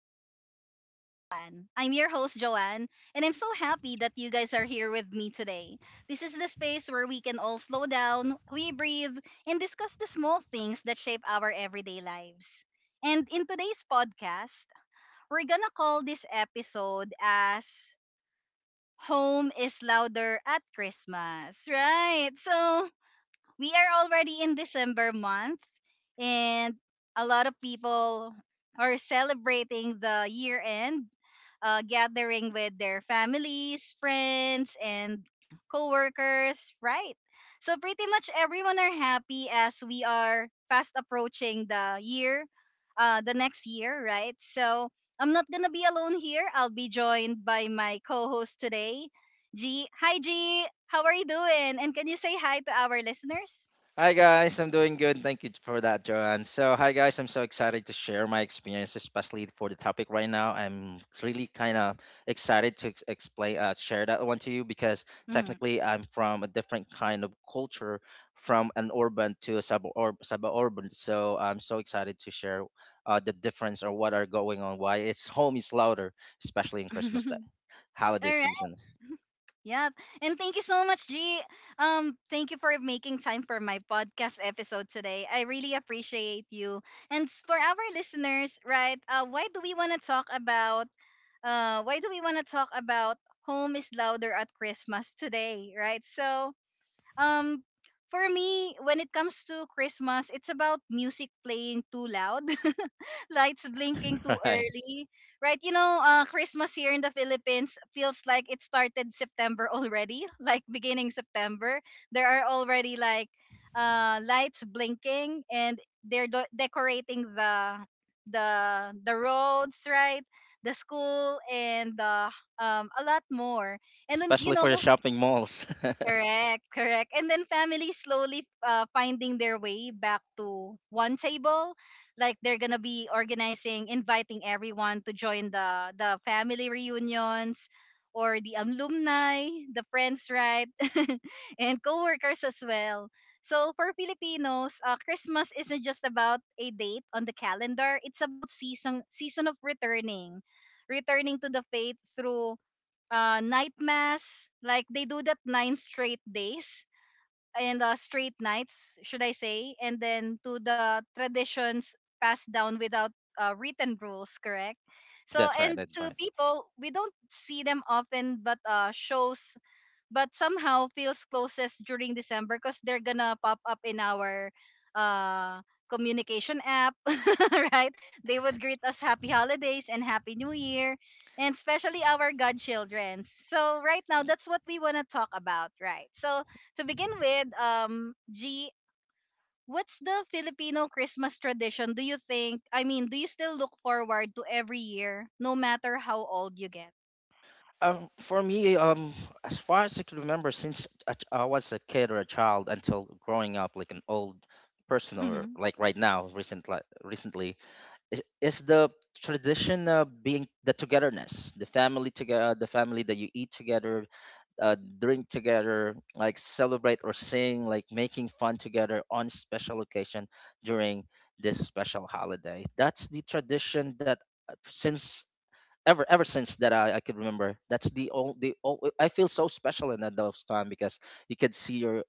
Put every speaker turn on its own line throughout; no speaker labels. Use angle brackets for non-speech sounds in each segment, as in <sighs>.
Mindful Moments with Joanne. I'm your host, Joanne, and I'm so happy that you guys are here with me today. This is the space where we can all slow down, we breathe, and discuss the small things that shape our everyday lives. And in today's podcast, we're gonna call this episode as Home is Louder at Christmas, right? So, we are already in December month, and a lot of people are celebrating the year end, gathering with their families, friends, and coworkers, right? So pretty much everyone are happy as we are fast approaching the year, the next year, right? So I'm not gonna be alone here. I'll be joined by my co-host today, G. Hi, G. How are you doing? And can you say hi to our listeners?
Hi guys, I'm doing good. Thank you for that, Joanne. So, hi guys, I'm so excited to share my experience, especially for the topic right now. I'm really kind of excited to explain, share that one to you because
Mhm.
technically I'm from a different kind of culture, from an urban to a suburban. So I'm so excited to share the difference or what are going on, why it's <laughs> home is louder, especially in Christmas day,
<laughs>
holiday
All right.
season,
Yep. And thank you so much, G. Thank you for making time for my podcast episode today. I really appreciate you. For our listeners, right? Why do we want to talk about? Why do we want to talk about home is louder at Christmas today, right? So, um, for me, when it comes to Christmas, it's about music playing too loud. <laughs> <laughs> Lights blinking
<laughs>
too
right?
early, right? You know, Christmas here in the Philippines feels like it started September already, <laughs> like beginning September. There are already like lights blinking, and decorating the roads, right? The school and the a lot more. And then you
Especially
know,
for the shopping malls. <laughs>
correct, correct. And then families slowly, finding their way back to one table. Like they're gonna be organizing, inviting everyone to join the family reunions or the alumni, the friends, right? <laughs> and coworkers as well. So for Filipinos, Christmas isn't just about a date on the calendar. It's about season of returning, returning to the faith through, night mass. Like they do that nine straight days and, straight nights, should I say? And then to the traditions passed down without, written rules, correct? So
That's right.
and
That's
to
right.
people, we don't see them often, but shows but somehow feels closest during December because they're gonna pop up in our, uh communication app, <laughs> right? They would greet us happy holidays and happy new year, and especially our godchildren. So right now, that's what we wanna talk about, right? So to begin with, G, what's the Filipino Christmas tradition? Do you think? I mean, do you still look forward to every year, no matter how old you get?
For me, as far as I can remember, since I was a kid or a child until growing up, like an old person, or
Mm-hmm.
like right now, recently, is the tradition of being the togetherness, the family together, the family that you eat together, drink together, like celebrate or sing, like making fun together on special occasion during this special holiday. That's the tradition that since ever since that I could remember. That's the only. I feel so special in that those time because you could see your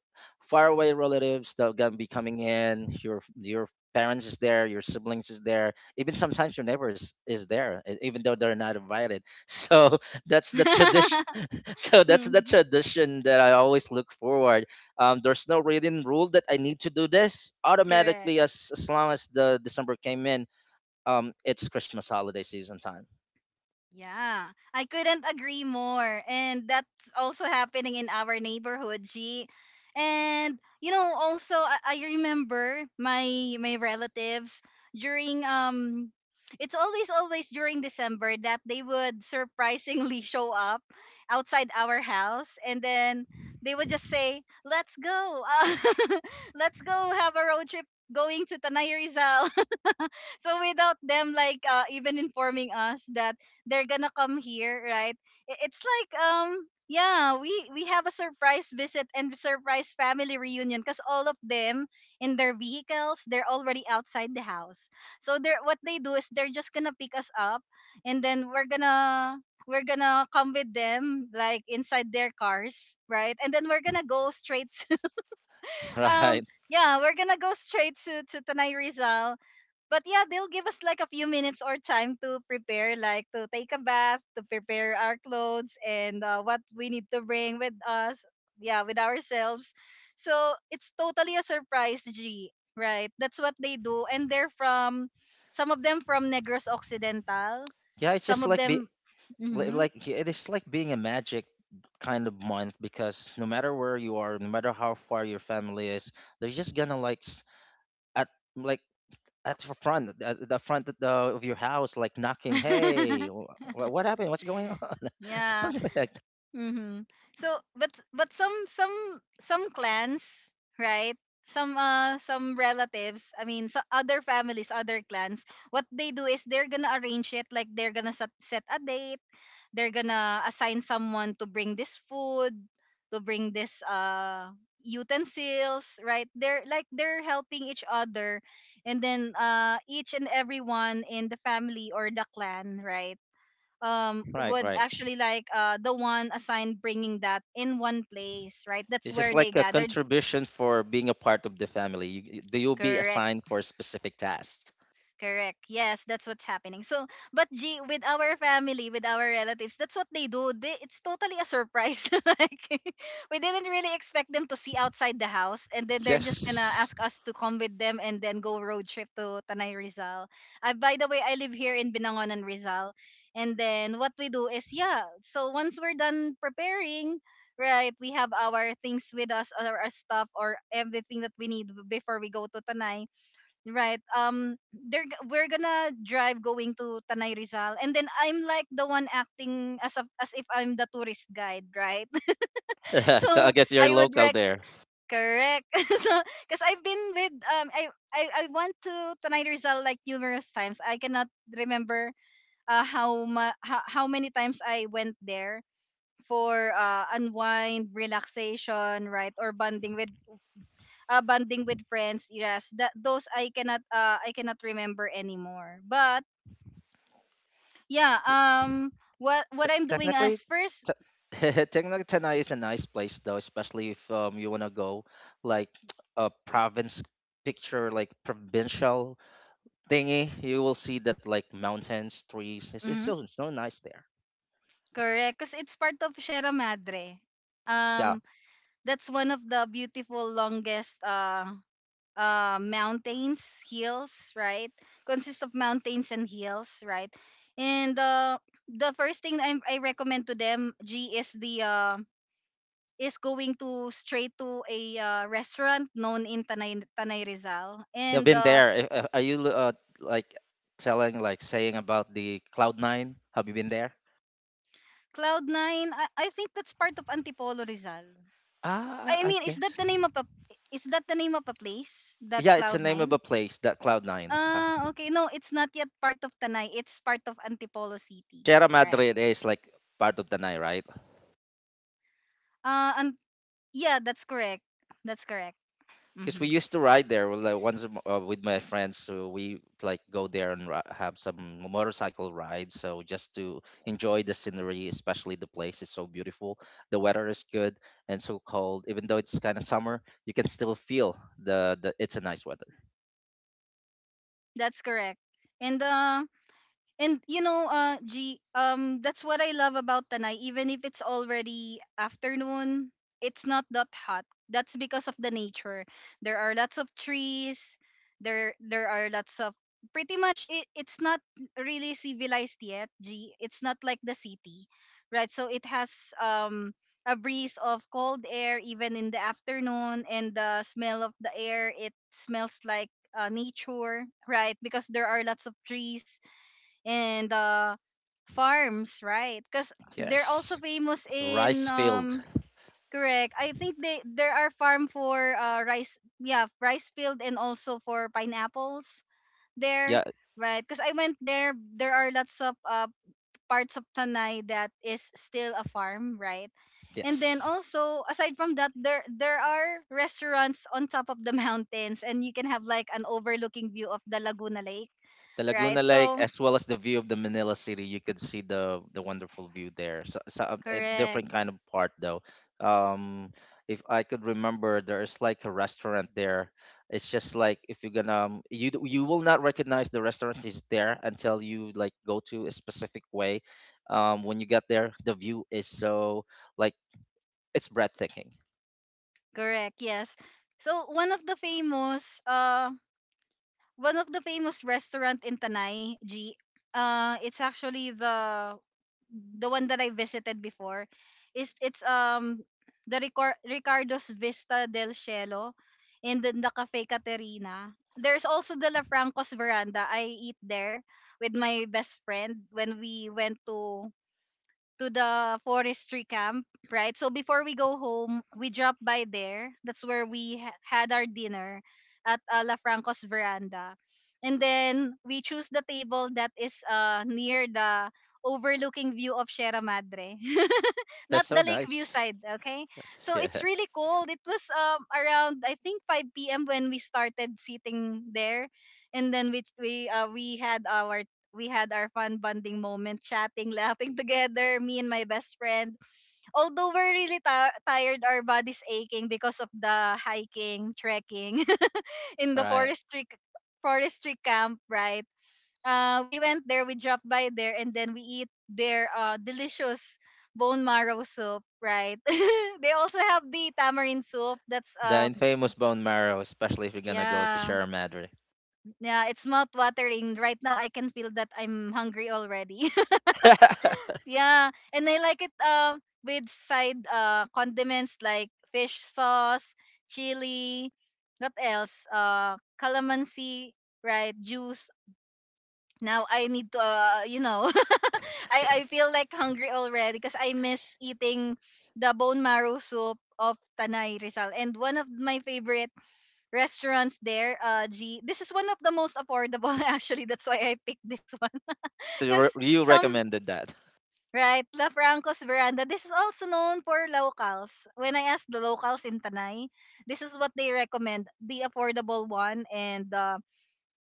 faraway relatives that are gonna be coming in. Your parents is there, your siblings is there, even sometimes your neighbors is there, even though they're not invited. <laughs> So that's the tradition.
<laughs>
<laughs> So that's the tradition that I always look forward. There's no written rule that I need to do this
Correct.
automatically as long as the December came in. It's Christmas holiday season time.
Yeah, I couldn't agree more. And that's also happening in our neighborhood, G. And you know, also I remember my relatives during it's always during December that they would surprisingly <laughs> show up outside our house and then they would just say, "Let's go. <laughs> Let's go have a road trip going to Tanay Rizal." So without them like, even informing us that they're gonna come here, right? It's like, yeah, we have a surprise visit and surprise family reunion because all of them in their vehicles they're already outside the house, so they're what they do is they're just gonna pick us up, and then we're gonna come with them like inside their cars, right? And then we're gonna go straight.
<laughs>
<laughs> um
Right.
yeah, we're gonna go straight to Tanay Rizal. But yeah, they'll give us like a few minutes or time to prepare, like to take a bath, to prepare our clothes and, what we need to bring with us, yeah, with ourselves. So it's totally a surprise, G, right? That's what they do. And they're from, some of them from Negros Occidental,
Yeah, it's just
some of
like
them, hmm.
like yeah, it is like being a magic kind of month because no matter where you are, no matter how far your family is, they're just gonna like at like at the front of your house, like knocking, "Hey,
<laughs>
what happened? What's going on?" <laughs>
Yeah.
Something like that.
Mm-hmm. So, but some some clans, right? Some relatives, I mean, so other families, other clans, what they do is they're gonna arrange it like they're gonna set a date. They're gonna assign someone to bring this food, to bring this, uh, utensils, right? They're like they're helping each other, and then, uh, each and everyone in the family or the clan, right?
Right,
Would
right.
actually like, uh, the one assigned bringing that in one place, right? That's
This is
where they
like a
gathered
contribution for being a part of the family. You- they will be
correct.
assigned for a specific task.
Correct. Yes, that's what's happening. So, but G, with our family, with our relatives, that's what they do. They, it's totally a surprise. <laughs> like, <laughs> we didn't really expect them to see outside the house, and then they're just gonna
Yes.
ask us to come with them and then go road trip to Tanay Rizal. I, by the way, I live here in Binangonan, Rizal, and then what we do is, yeah. So once we're done preparing, right, we have our things with us, or our stuff, or everything that we need before we go to Tanay. Right. We're gonna drive going to Tanay Rizal, and then I'm like the one acting as a, as if I'm the tourist guide, right? <laughs>
<laughs> So I
So
guess you're
I would
local
rec
there.
correct. <laughs> So because I've been with, um, I I went to Tanay Rizal like numerous times. I cannot remember, uh, how many times I went there for, uh, unwind, relaxation, right, or bonding with, bonding with friends. Yes, that those I cannot, I cannot remember anymore. But yeah, what
So
what I'm doing
technically,
as first
t- <laughs> technically Tanay is a nice place though, especially if you wanna go like <tsk> a province picture, like provincial thingy. You will see that like mountains, trees. It's
mhm,
so so nice there.
correct, because it's part of Sierra Madre.
Yeah,
um that's one of the beautiful longest, uh, mountains hills, right? Consists of mountains and hills, right? And, uh, the first thing I recommend to them, G, is the, is going to straight to a, restaurant known in Tanay, Tanay Rizal.
you've
And
been there. Are you like telling like saying about the Cloud Nine? Have you been there?
Cloud Nine, I think that's part of Antipolo Rizal.
Ah,
I
I
mean, is that
guess.
the name of a is that the name of a place that
Yeah, it's the name of a
Cloud Nine?
place that Cloud Nine. Huh?
Okay, no, it's not yet part of Tanay. It's part of Antipolo City,
Sierra
right?
Madre is like part of Tanay, right?
And yeah, that's correct. That's correct.
Because we
Mm-hmm.
used to ride there with, like once a with my friends, so we like go there and have some motorcycle rides, so just to enjoy the scenery, especially the place is so beautiful, the weather is good, and so cold, even though it's kind of summer, you can still feel the it's a nice weather.
That's correct. And, and you know, G, that's what I love about Tanay. Even if it's already afternoon, it's not that hot. That's because of the nature. There are lots of trees. There are lots of pretty much. It's not really civilized yet, G. It's not like the city, right? So it has, a breeze of cold air even in the afternoon, and the smell of the air. It smells like, nature, right? Because there are lots of trees and, farms, right? Because they're
Yes.
also famous
The
in,
rice field.
correct. I think they there are farm for, uh, rice, yeah, rice field and also for pineapples there,
Yeah.
right? Because I went there, there are lots of, uh, parts of Tanay that is still a farm, right? And then
Yes,
also aside from that, there are restaurants on top of the <laughs> mountains, and you can have like an overlooking view of the Laguna Lake,
the
right?
Laguna Lake,
So
as well as the view of the Manila City. You could see the wonderful view there. So, so a different
correct.
kind of part though. Um, if I could remember, there is like a restaurant there. It's just like if you're gonna you will not recognize the restaurant is there until you like go to a specific way. When you get there, the view is so like it's breathtaking.
Correct, yes. So one of the famous one of the famous restaurant in Tanay, G, uh, it's actually the one that I visited before. Is it's, the Ricardo's Vista del Cielo and then the Cafe Caterina. There's also the La Franco's Veranda. I eat there with my best friend when we went to the forestry camp, right? So before we go home, we drop by there. That's where we had our dinner at, La Franco's Veranda. And then we choose the table that is, near the overlooking view of Sierra Madre. <laughs>
That's
Not
so
the lake view
nice.
side,
<laughs>
okay? So
Yeah,
it's really cold. It was, around I think 5 p.m. when we started sitting there. And then we had our fun bonding moment, chatting, <laughs> laughing together, me and my best friend. Although we're really tired, our bodies aching because of the hiking, trekking <laughs> in the
right.
forestry camp, right? We went there, we dropped by there, and then we eat their, delicious bone marrow soup, right? <laughs> They also have the tamarind soup. That's
The infamous bone marrow, especially if you're gonna go to
yeah,
Sierra Madre.
yeah, it's mouth watering. Right now, I can feel that I'm hungry already. <laughs>
<laughs>
Yeah, and I like it, with side, uh, condiments like fish sauce, chili, what else? Uh, calamansi, right? Juice. Now I need to, you know, <laughs> I feel like hungry already because I miss eating the bone marrow soup of Tanay Rizal. And one of my favorite restaurants there, uh, G. This is one of the most affordable <laughs> actually. That's why I picked this one.
So
<laughs>
You
Cuz
you
some
recommended that.
right, La Franco's Veranda. This is also known for locals. When I asked the locals in Tanay, this is what they recommend: the affordable one, and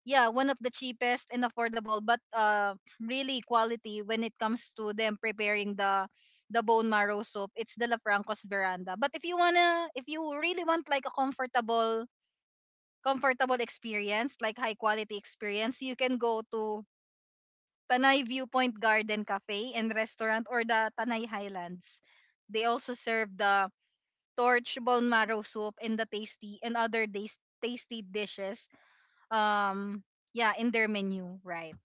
yeah, one of the cheapest and affordable, but really quality when it comes to them preparing the bone marrow soup. It's the La Franco's Veranda. But if you really want like a comfortable experience, like high quality experience, you can go to Tanay Viewpoint Garden Cafe and Restaurant or the Tanay Highlands. They also serve the torch bone marrow soup and the tasty and other tasty dishes. Um, yeah, in their menu, right?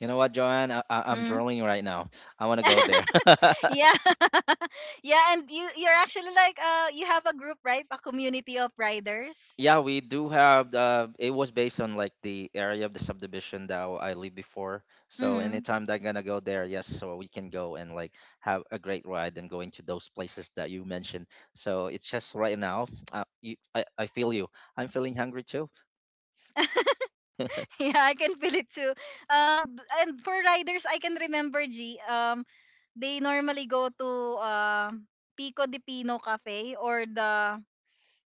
You know what, Joanne? I'm
Mm.
drooling right now. I want to go there.
<laughs>
<laughs>
yeah, <laughs> yeah, and you're actually like you have a group, right? A community of riders.
Yeah, we do have. It was based on like the area of the subdivision that I lived before. So
Mm-hmm.
anytime that I'm gonna go there, yes, so we can go and like have a great ride and go into those places that you mentioned. So it's just right now. You, I feel you. I'm feeling hungry too.
<laughs> yeah, I can feel it too. And for riders, I can remember G. They normally go to uh, Pico de Pino Cafe or the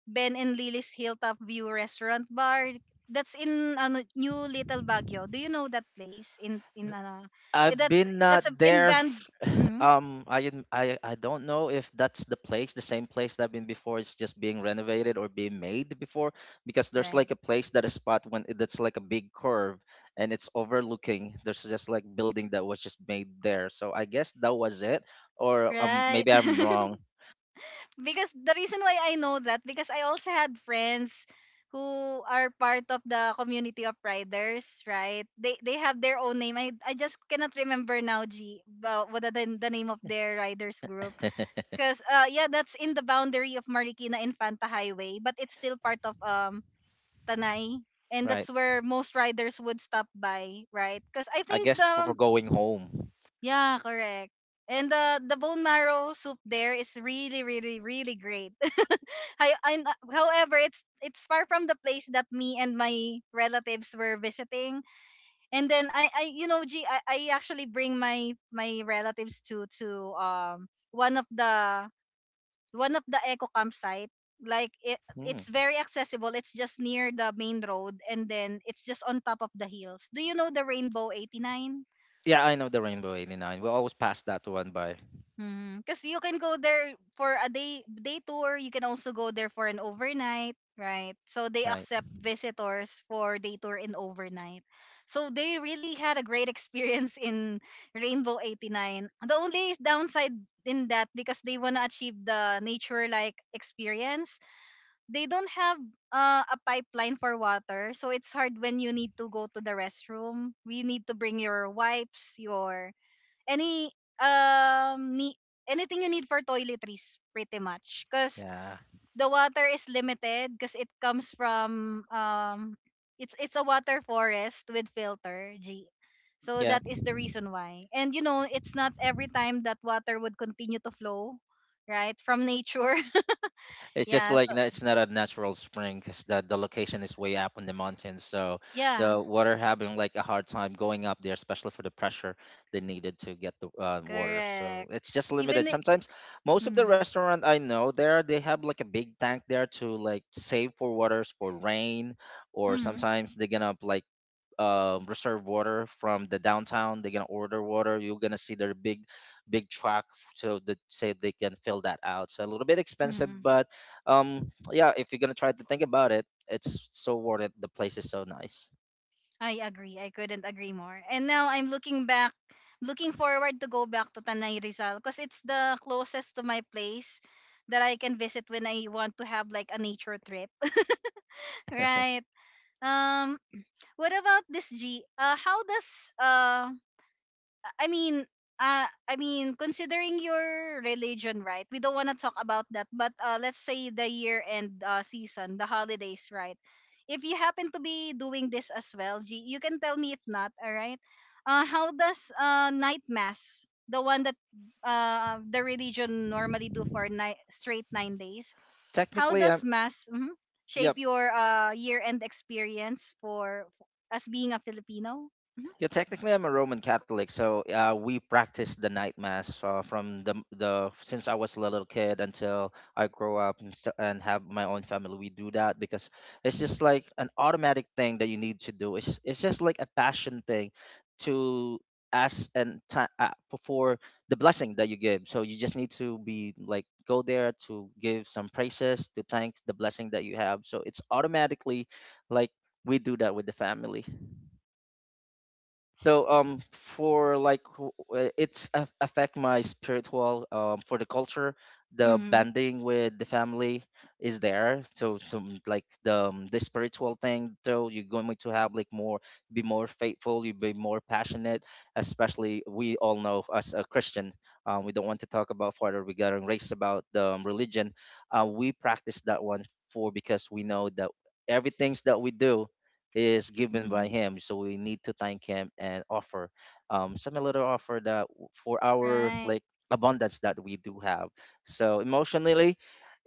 Ben and Lily's Hilltop View Restaurant Bar. That's in ano, New Little Baguio. Do you know that place? In
I've
That's
been not
in
there.
band.
<sighs>
Hmm,
I, didn't- I don't know if that's the place, the same place that I've been before. It's just being renovated or being made before, because there's like
right,
a place that a spot that's like a big curve and it's overlooking. There's just like building that was just made there. So I guess that was it, or
right.
maybe I'm wrong.
<laughs> because the reason why I know that because I also had friends who are part of the community of riders, right? They have their own name. I just cannot remember now, G, what are the name of their riders group.
<laughs>
Cause yeah, that's in the boundary of Marikina Infanta Highway, but it's still part of Tanay, and
Right.
that's where most riders would stop by, right? Cause I
I
think
guess for
the
going home.
yeah, correct. And the bone marrow soup there is really, really, really great. Hi, and, however, it's far from the place that me and my relatives were visiting. And then G, I actually bring my relatives to one of the eco campsite. Like
Hmm.
it's very accessible. It's just near the main road, and then it's just on top of the hills. Do you know the Rainbow 89?
Yeah, I know the Rainbow 89. We always pass that one by.
Because you can go there for a day tour. You can also go there for an overnight, right? So they
Right.
accept visitors for day tour and overnight. So they really had a great <laughs> experience in Rainbow 89. The only downside in that because they want to achieve the nature like experience, they don't have a pipeline for water. So it's hard when you need to go to the restroom. You need to bring your wipes, your any need anything you need for toiletries pretty much because
Yeah.
the water is limited because it comes from it's a water forest with filter g, so
Yeah.
that is the reason why. And you know it's not every time that water would continue to flow right from nature. <laughs>
It's just
yeah,
like
so
it's not a natural spring because the location is way up on the mountain, so
yeah,
the water having like a hard time going up there, especially for the pressure they needed to get the water. So
correct,
it's just
even
limited. Sometimes most of the
mm-hmm,
restaurant I know there they have like a big tank there to like save for waters for rain, or
mm-hmm,
sometimes they're gonna like reserve water from the downtown. They're gonna order water. You're gonna see their big, big truck, so that say they can fill that out. So a little bit expensive,
mm-hmm.
but yeah, if you're gonna try to think about it, it's so worth it, the place is so nice.
I agree. I couldn't agree more. And now I'm looking back, looking forward to go back to Tanay Rizal because it's the closest to my place that I can visit when I want to have like a nature trip. <laughs> right. Um what about this G? How does uh I mean, I mean, considering your religion, right? We don't want to talk about that, but let's say the year end season, the holidays, right? If you happen to be doing this as well, G, you can tell me if not, all right? How does night mass, the one that the religion normally do for straight 9 days, how
Technically
does
I'm
mass mhm, shape
Yep.
your year end experience for as being a Filipino? Mm-hmm.
Yeah, technically, I'm a Roman Catholic, so we practice the night mass from the since I was a little kid until I grow up, and have my own family. We do that because it's just like an automatic thing that you need to do. It's just like a passion thing to ask and ti for the blessing that you give. So you just need to be like go there to give some praises to thank the blessing that you have. So it's automatically like we do that with the family. So for like it's affect my spiritual, for the culture, the bonding with the family is there, so some like the spiritual thing, so you're going to have like more, be more faithful, you be more passionate, especially we all know as a Christian. We don't want to talk about further regarding race about the religion. We practice that one for because we know that everything's that we do is given by
Hmm.
him, so we need to thank him and offer some little offer that w- for our
Right.
like abundance that we do have. So emotionally,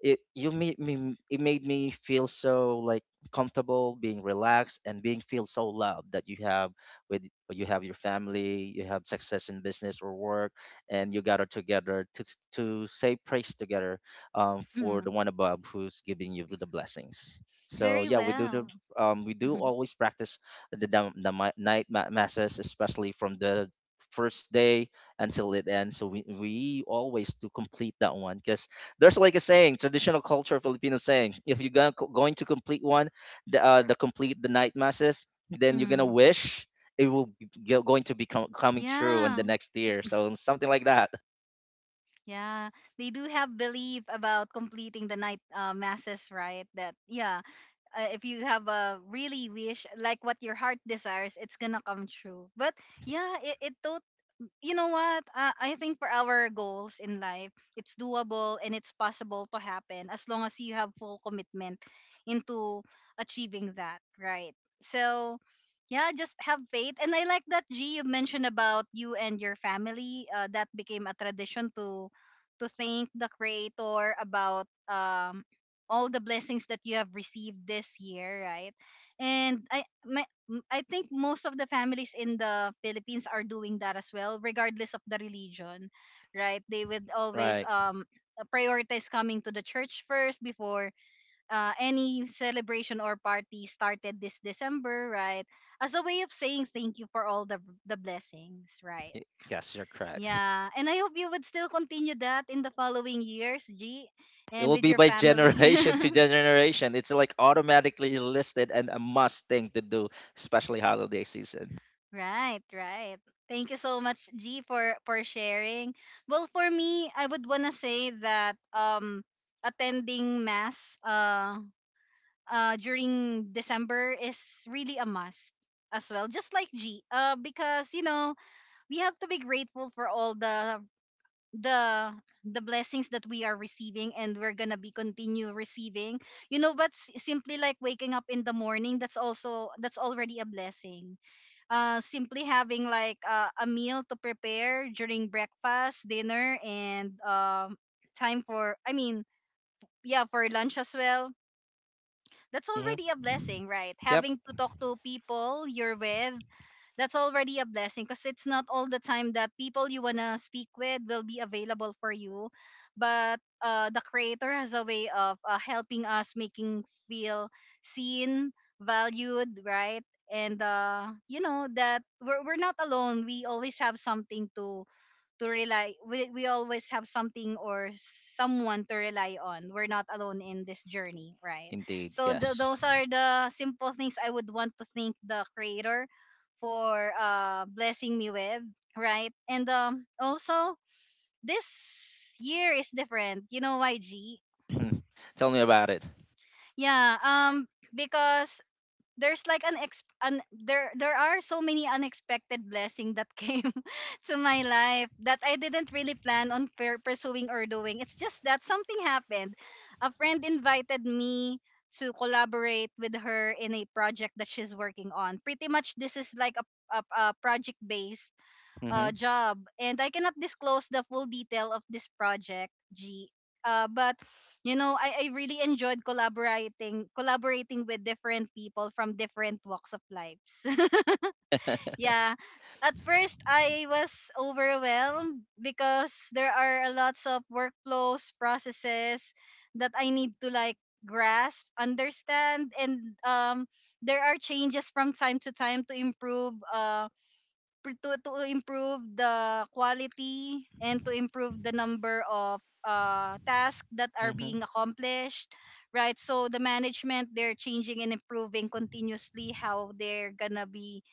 it made me feel so like comfortable, being relaxed and being feel so loved that you have, with you have your family, you have success in business or work, and you gather together to say praise together, for the
Mhm.
one above who's giving you the blessings. So
Very
yeah, we do the
well.
we do
Mhm.
always practice the night masses, especially from the first day until it ends. So we always do complete that one because there's like a saying, traditional culture, Filipino saying, if you're gonna, going to complete one, the complete the night masses, then you're gonna
Mhm.
wish it will be going to be coming true in the
Yeah,
next year. So something like that.
yeah. They do have belief about completing the night masses, right? That yeah, if you have a really wish like what your heart desires, it's gonna come true. But yeah, it totally you know what? I think for our goals in life, it's doable and it's possible to happen as long as you have full commitment into achieving that, right? So, yeah, just have faith. And I like that G you mentioned about you and your family. That became a tradition to thank the creator about all the blessings that you have received this year, right? And I think most of the families in the Philippines are doing that as well, regardless of the religion, right? They would always
Right.
prioritize coming to the church first before any celebration or party started this December, right? As a way of saying thank you for all the blessings, right?
Y- Yes, you're correct.
Yeah, and I hope you would still continue that in the following years, G,
It
and
will
with
be
your
by <laughs>
family.
generation to
<laughs>
generation. It's like automatically listed and a must thing to do, especially holiday season.
Right, right. Thank you so much, G, for sharing. Well, for me, I would wanna say that attending mass during December is really a must as well, just like G. Uh, because you know we have to be grateful for all the the blessings that we are receiving and we're gonna be continue receiving. You know, but simply like waking up in the morning, that's already a blessing. Simply having like a meal to prepare during breakfast, dinner, and time for, I mean, yeah, for lunch as well. That's
Hmm.
already a blessing, right?
Yep,
Having to talk to people you're with, that's already a blessing because it's not all the time that people you wanna speak with will be available for you, but the creator has a way of helping us making feel seen, valued, right? And you know that we're not alone. We always have something to rely we always have something or someone to rely on. We're not alone in this journey, right?
indeed,
So
yes.
those are the simple things I would want to thank the creator for blessing me with, right? And also this year is different, you know why G?
<clears throat> Tell me about it.
Yeah, because there's like an ex an there there are so many unexpected blessings that came <laughs> to my life that I didn't really plan on pursuing or doing. It's just that something happened. A friend invited me to collaborate with her in a project that she's working on. Pretty much this is like a project based
Hmm.
job. And I cannot disclose the full detail of this project, G. But you know, I really enjoyed collaborating with different people from different walks of lives. <laughs> yeah. At first, I was overwhelmed because there are a lots of workflows, processes that I need to like grasp, understand, and there are changes from time to time to improve. To improve the quality and to improve the number of tasks that are
Hmm.
being accomplished, right? So the management, they're changing and improving continuously how they're gonna be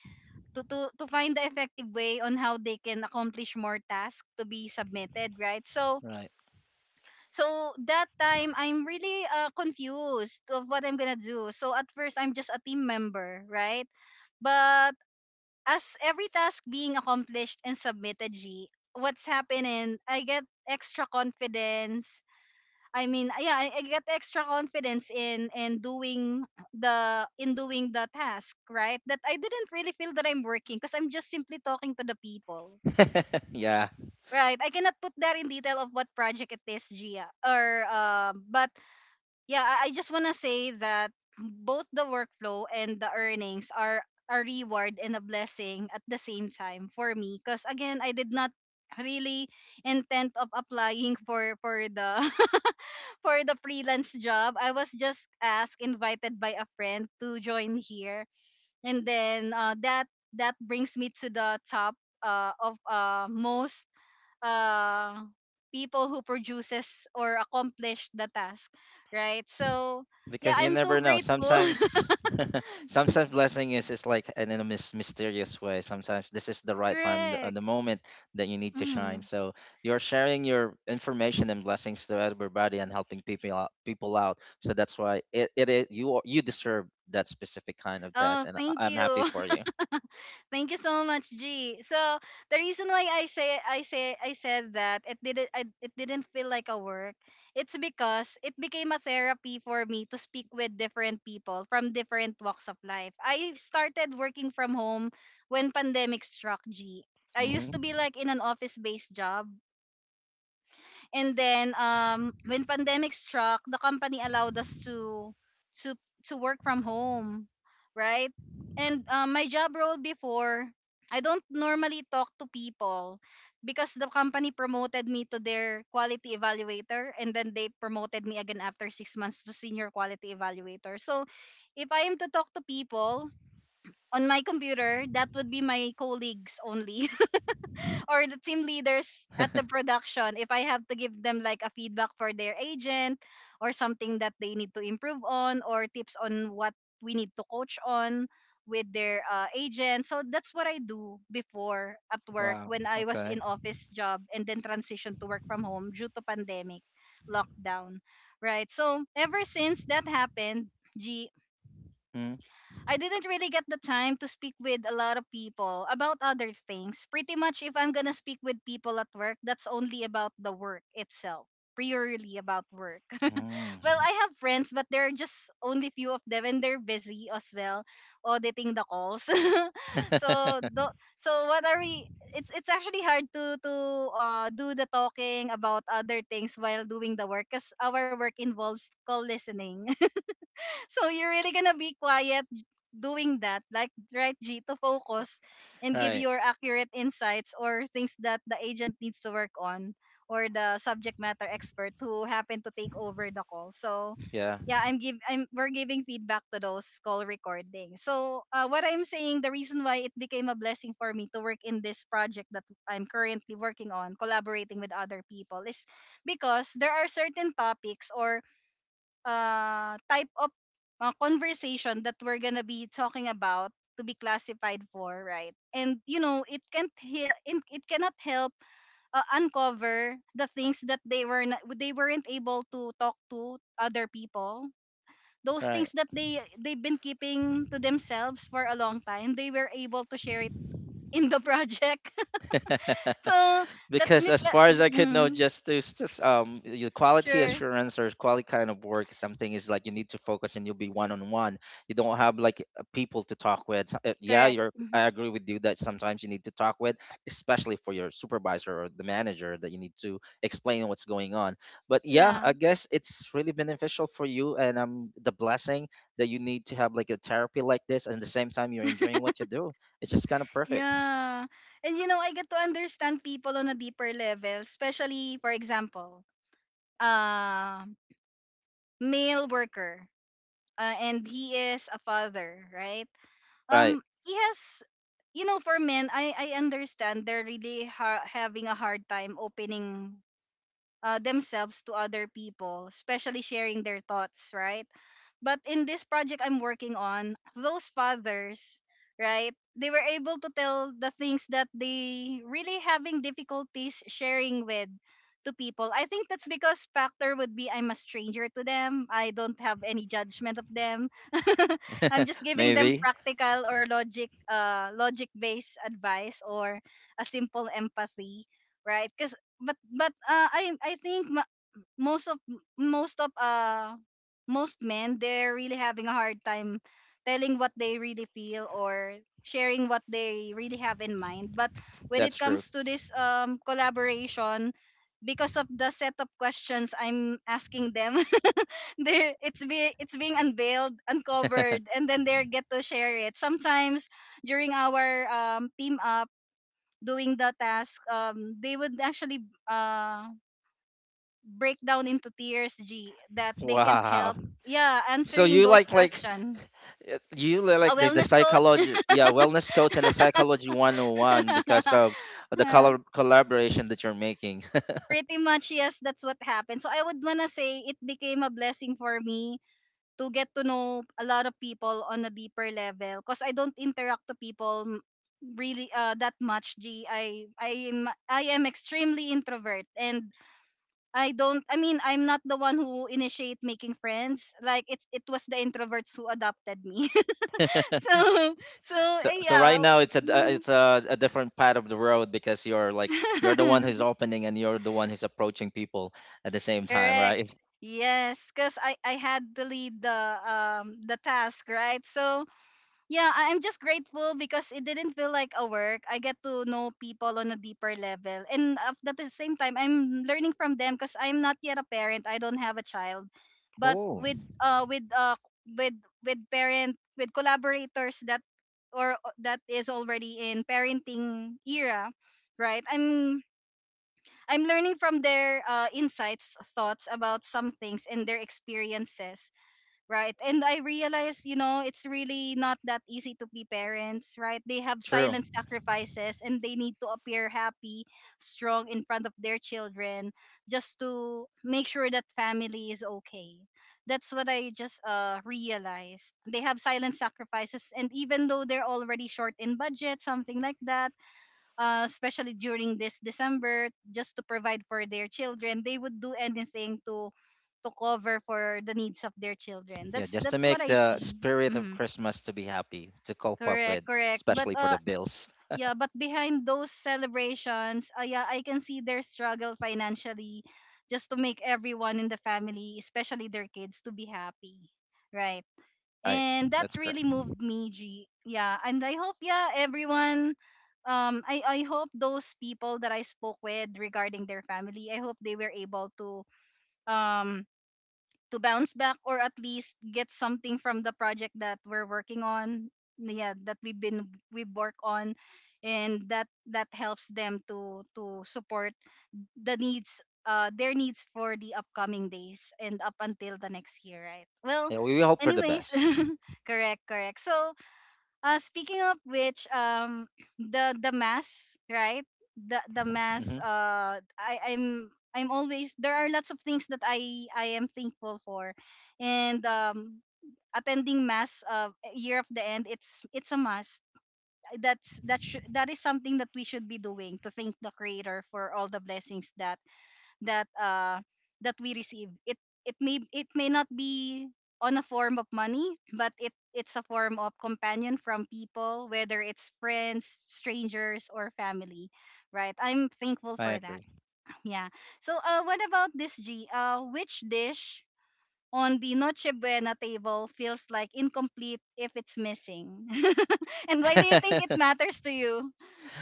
to, to find the effective way on how they can accomplish more tasks to be submitted, right? So
Right.
so that time I'm really confused of what I'm gonna do. So at first I'm just a team member, right? But as every task being accomplished and submitted, G, what's happening, I get extra confidence. I mean, yeah, I get extra confidence in in doing the task, right? That I didn't really feel that I'm working because I'm just simply talking to the people.
<laughs> Yeah.
Right, I cannot put that in detail of what project it is, Gia, or but yeah, I just want to say that both the workflow and the earnings are a reward and a blessing at the same time for me because again, I did not really intent of applying for the <laughs> for the freelance job. I was just asked invited by a friend to join here and then that brings me to the top of most uh, people who produces or accomplish the task, right? So yeah,
Because you
I'm so
never know.
grateful.
Sometimes,
<laughs>
<laughs> sometimes blessing is like in a mysterious way. Sometimes this is the right time, the
Correct.
moment that you need to shine.
Mhm.
So you're sharing your information and blessings to everybody and helping people out, people out. So that's why it, it is you are- you deserve that specific kind of test,
Oh,
and
thank
I- I'm happy
you.
for you.
Thank you so much, G. So the reason why I said that it didn't it didn't feel like a work. It's because it became a therapy for me to speak with different people from different walks of life. I started working from home when pandemic struck, G. I used to
Hmm.
be like in an office-based job and then when pandemic struck, the company allowed us to to to work from home, right? And my job role before, I don't normally talk to people because the company promoted me to their quality evaluator and then they promoted me again after 6 months to senior quality evaluator. So, if I am to talk to people on my computer, that would be my colleagues only or the team leaders at the
<laughs>
production if I have to give them like a feedback for their agent or something that they need to improve on or tips on what we need to coach on with their agent. So that's what I do before at work
Wow.
when I was
Okay.
in office job and then transition to work from home due to pandemic lockdown, right? So ever since that happened, G,
Mm.
I didn't really get the time to speak with a lot of people about other things. Pretty much, if I'm gonna speak with people at work, that's only about the work itself, purely about work. <laughs> Well,
Mm.
I have friends, but there are just only few of them, and they're busy as well, auditing the calls. <laughs> so, do, so what are we? It's actually hard to do the talking about other things while doing the work, cause our work involves call listening. <laughs> So you're really gonna be quiet doing that, like, right, G, to focus and give
Right.
your accurate insights or things that the agent needs to work on or the subject matter expert who happened to take over the call. So
Yeah.
yeah, I'm give I'm we're giving feedback to those call recordings. So what I'm saying, the reason why it became a blessing for me to work in this project that I'm currently working on collaborating with other people is because there are certain topics or type of conversation that we're gonna be talking about to be classified for, right? And you know, it cannot help uncover the things that they were not, they weren't able to talk to other people. Those things
Right.
that they've been keeping to themselves for a long time, they were able to share it in the project. <laughs>
<laughs>
So let
Because
me
as
let,
far as I could know,
mm,
just to just, your quality
sure,
assurance or quality kind of work, something is like you need to focus and you'll be one on one. You don't have like people to talk with. Yeah,
correct.
you're. I agree with you that sometimes you need to talk with, especially for your supervisor or the manager, that you need to explain what's going on. But yeah,
Yeah.
I guess it's really beneficial for you, and the blessing that you need to have like a therapy like this, and at the same time you're enjoying what you do. It's just kind of perfect,
Yeah. And you know, I get to understand people on a deeper level, especially for example, uh male worker, and he is a father, right?
right?
Um, he has, you know, for men, I understand they're really having a hard time opening themselves to other people, especially sharing their thoughts, right? But in this project I'm working on, those fathers, right? They were able to tell the things that they really having difficulties sharing with to people. I think that's because factor would be I'm a stranger to them. I don't have any judgment of them. <laughs> I'm just giving them
Maybe
practical or logic based advice or a simple empathy, right? Cuz but I think most of most of most men, they're really having a hard time telling what they really feel or sharing what they really have in mind. But when
that's
it
true.
comes to this collaboration, because of the set of questions I'm asking them, <laughs> they it's be it's being unveiled,
<laughs>
uncovered, and then they get to share it. Sometimes during our team up, doing the task, um, they would actually uh break down into tears, G, that they can't
Wow.
help. Yeah,
So
answering
you
those
like
questions.
you
A
like the
wellness coach.
psychology yeah wellness coach and the psychology 101 because
<laughs>
of the
Uh,
color collaboration that you're making. <laughs>
Pretty much, yes, that's what happened. So I would wanna say it became a blessing for me to get to know a lot of people on a deeper level because I don't interact to people really that much, G. I am extremely introvert. And I don't I mean I'm not the one who initiate making friends, like it was the introverts who adopted me. <laughs> So, so,
So
eh,
so right
yeah.
now it's a d- uh,
Mhm.
it's a, a different part of the road because you're like you're the one who's
<laughs>
opening and you're the one who's approaching people at the same time,
Correct.
right?
Yes, because I had to lead the task, right? So yeah, I'm just grateful because it didn't feel like a work. I get to know people on a deeper level. And at the same time, I'm learning from them because I'm not yet a parent. I don't have a child. But
Oh,
uh with uh with with parent, with collaborators that that is already in parenting era, right? I'm learning from their insights, thoughts about some things and their experiences, right? And I realize, you know, it's really not that easy to be parents, right? They have
true.
silent sacrifices and they need to appear happy, strong in front of their children just to make sure that family is okay. That's what I just realized. They have silent sacrifices, and even though they're already short in budget, something like that, especially during this December, just to provide for their children, they would do anything to cover for the needs of their children.
Yeah,
That's
just to
that's what
make
I
the
see.
spirit of
Hmm.
Christmas to be happy to cope up
Correct,
with,
correct. But
especially for the bills.
yeah, but behind those celebrations, yeah, I can see their struggle financially, just to make everyone in the family, especially their kids, to be happy. Right.
Right.
And that
That's correct.
really moved me, G. Yeah, and I hope, yeah, everyone, um, I hope those people that I spoke with regarding their family, I hope they were able um to bounce back or at least get something from the project that we're working on, yeah, that we've been we work on, and that that helps them to support the needs their needs for the upcoming days and up until the next year, right? Well,
Yeah, we hope for the
anyways.
best.
<laughs> Correct. So speaking of which, um, the mass, right, the mass,
Hmm.
I I'm always, there are lots of things that I am thankful for. And um, attending mass, year of the end, it's a must. That is something that we should be doing to thank the creator for all the blessings that that uh that we receive it. It may not be on a form of money, but it's a form of companion from people, whether it's friends, strangers, or family, right? I'm thankful
I
for that.
agree.
Yeah. So what about this, G? Which dish on the noche buena table feels like incomplete if it's missing? <laughs> And why do you think it
<laughs>
matters to you?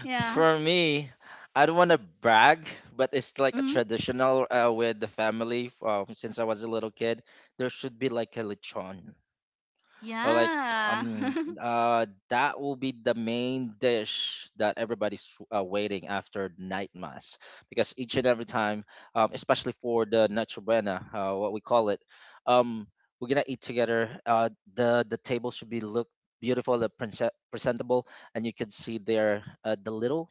Yeah.
For me, I don't want to brag, but it's like a
Hmm.
traditional with the family, since I was a little kid. There should be like a lechon, or like
Yeah.
um that will be the main dish that everybody's waiting after night mass, because each and every time, especially for the Nacho Buena, what we call it. um we're gonna eat together. The table should be look beautiful, the presentable, and you can see there, the little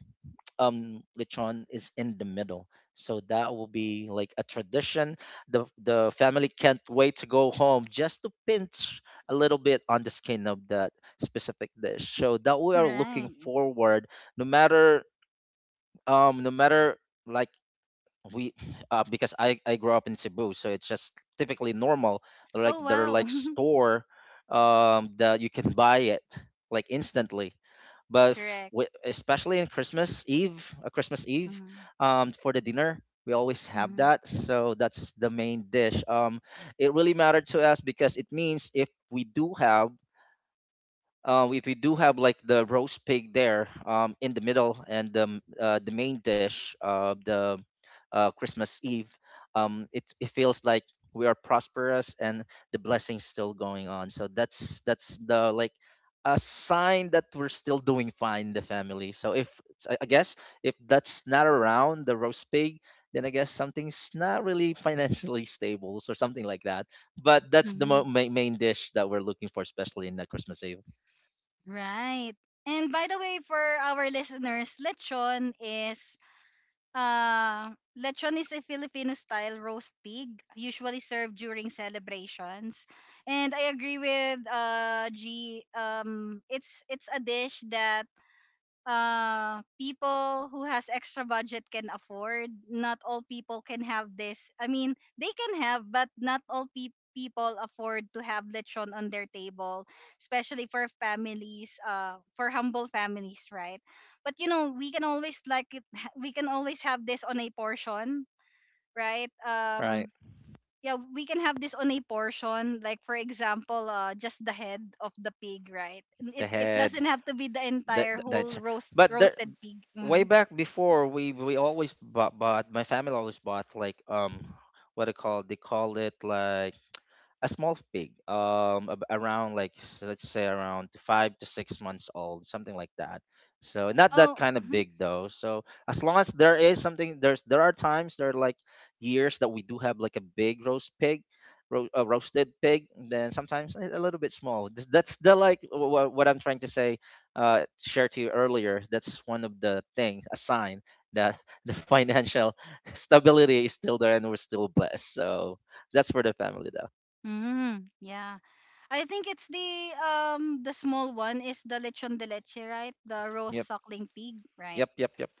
lechon is in the middle, so that will be like a tradition. The family can't wait to go home just to pinch a little bit on the skin of that specific dish, so that we
<laughs>
are looking
Right.
forward, no matter no matter like we because I grew up in Cebu, so it's just typically normal.
Oh
Like there are
wow.
like
<laughs>
store that you can buy it like instantly. But
Correct.
especially in Christmas Eve,
Mm-hmm.
for the dinner, we always have
Hmm.
that. So that's the main dish. It really mattered to us, because it means if we do have, like the roast pig there, in the middle, and the main dish of the Christmas Eve. It feels like we are prosperous and the blessings still going on. So that's the, a sign that we're still doing fine in the family. So if it's- I guess, if that's not around the roast pig, then I guess something's not really <laughs> financially stable or something like that. But that's the
Hmm.
main dish that we're looking for, especially in the Christmas Eve.
Right. And by the way, for our listeners, lechon is a Filipino style roast pig, usually served during celebrations. And I agree with G. It's a dish that people who has extra budget can afford. Not all people can have this, I mean they can have but not all people afford to have lechon on their table, especially for families, for humble families, right? But you know, we can always like it, we can always have this on a portion, right?
Right.
Um, yeah, we can have this on a portion, like for example, just the head of the pig, right? And it
The
it
head.
doesn't have to be the
That
entire
that- that's
whole
but there
roasted pig.
way
Hmm.
back before, we always bought, bought my family always bought like what they call it like a small pig, around, let's say around 5 to 6 months old, something like that, so not that
Oh,
kind of
hmm.
big though. So as long as there is something, there are times, there are like years that we do have like a big roast pig, a roasted pig, then sometimes a little bit small. Th- that's the like What I'm trying to say, share to you earlier, that's one of the things, a sign that <laughs> the financial <laughs> stability is still there and we're still blessed, so that's for the family though.
Hmm. Yeah, I think it's the small one is the lechon de leche, right? The roast
Yep.
suckling pig, right?
Yep. Yep. Yep.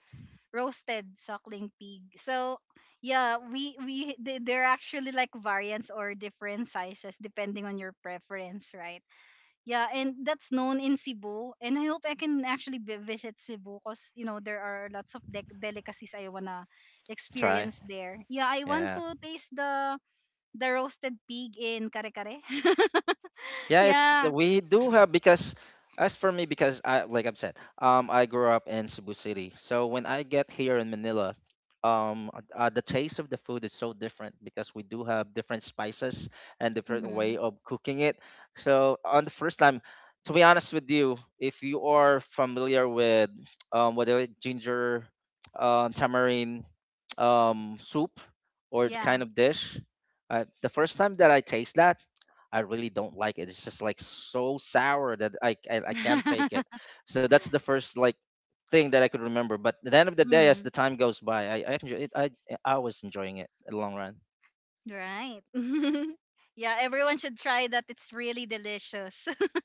Roasted suckling pig. So yeah, we they're actually like variants or different sizes depending on your preference, right? Yeah, and that's known in Cebu. And I hope I can actually visit Cebu because, you know, there are lots of dec delicacies I wanna
Try.
experience there. Yeah, I want
Yeah.
to taste the roasted pig in Kare Kare. <laughs>
Yeah, it's
Yeah.
we do have, because as for me, because I, like I've said, I grew up in Cebu City, so when I get here in Manila, um, the taste of the food is so different, because we do have different spices and different
Hmm.
way of cooking it. So on the first time, to be honest with you, if you are familiar with <tsk> whether it ginger, tamarind, soup, or the
Yeah.
kind of dish, the first time that I taste that, I really don't like it. It's just like so sour that I can't take it.
<laughs>
So that's the first like thing that I could remember. But at the end of the day, as the
Hmm.
time goes by, I enjoy it. I was enjoying it in the long run.
Right. <laughs> Yeah, everyone should try that. It's really delicious. <laughs>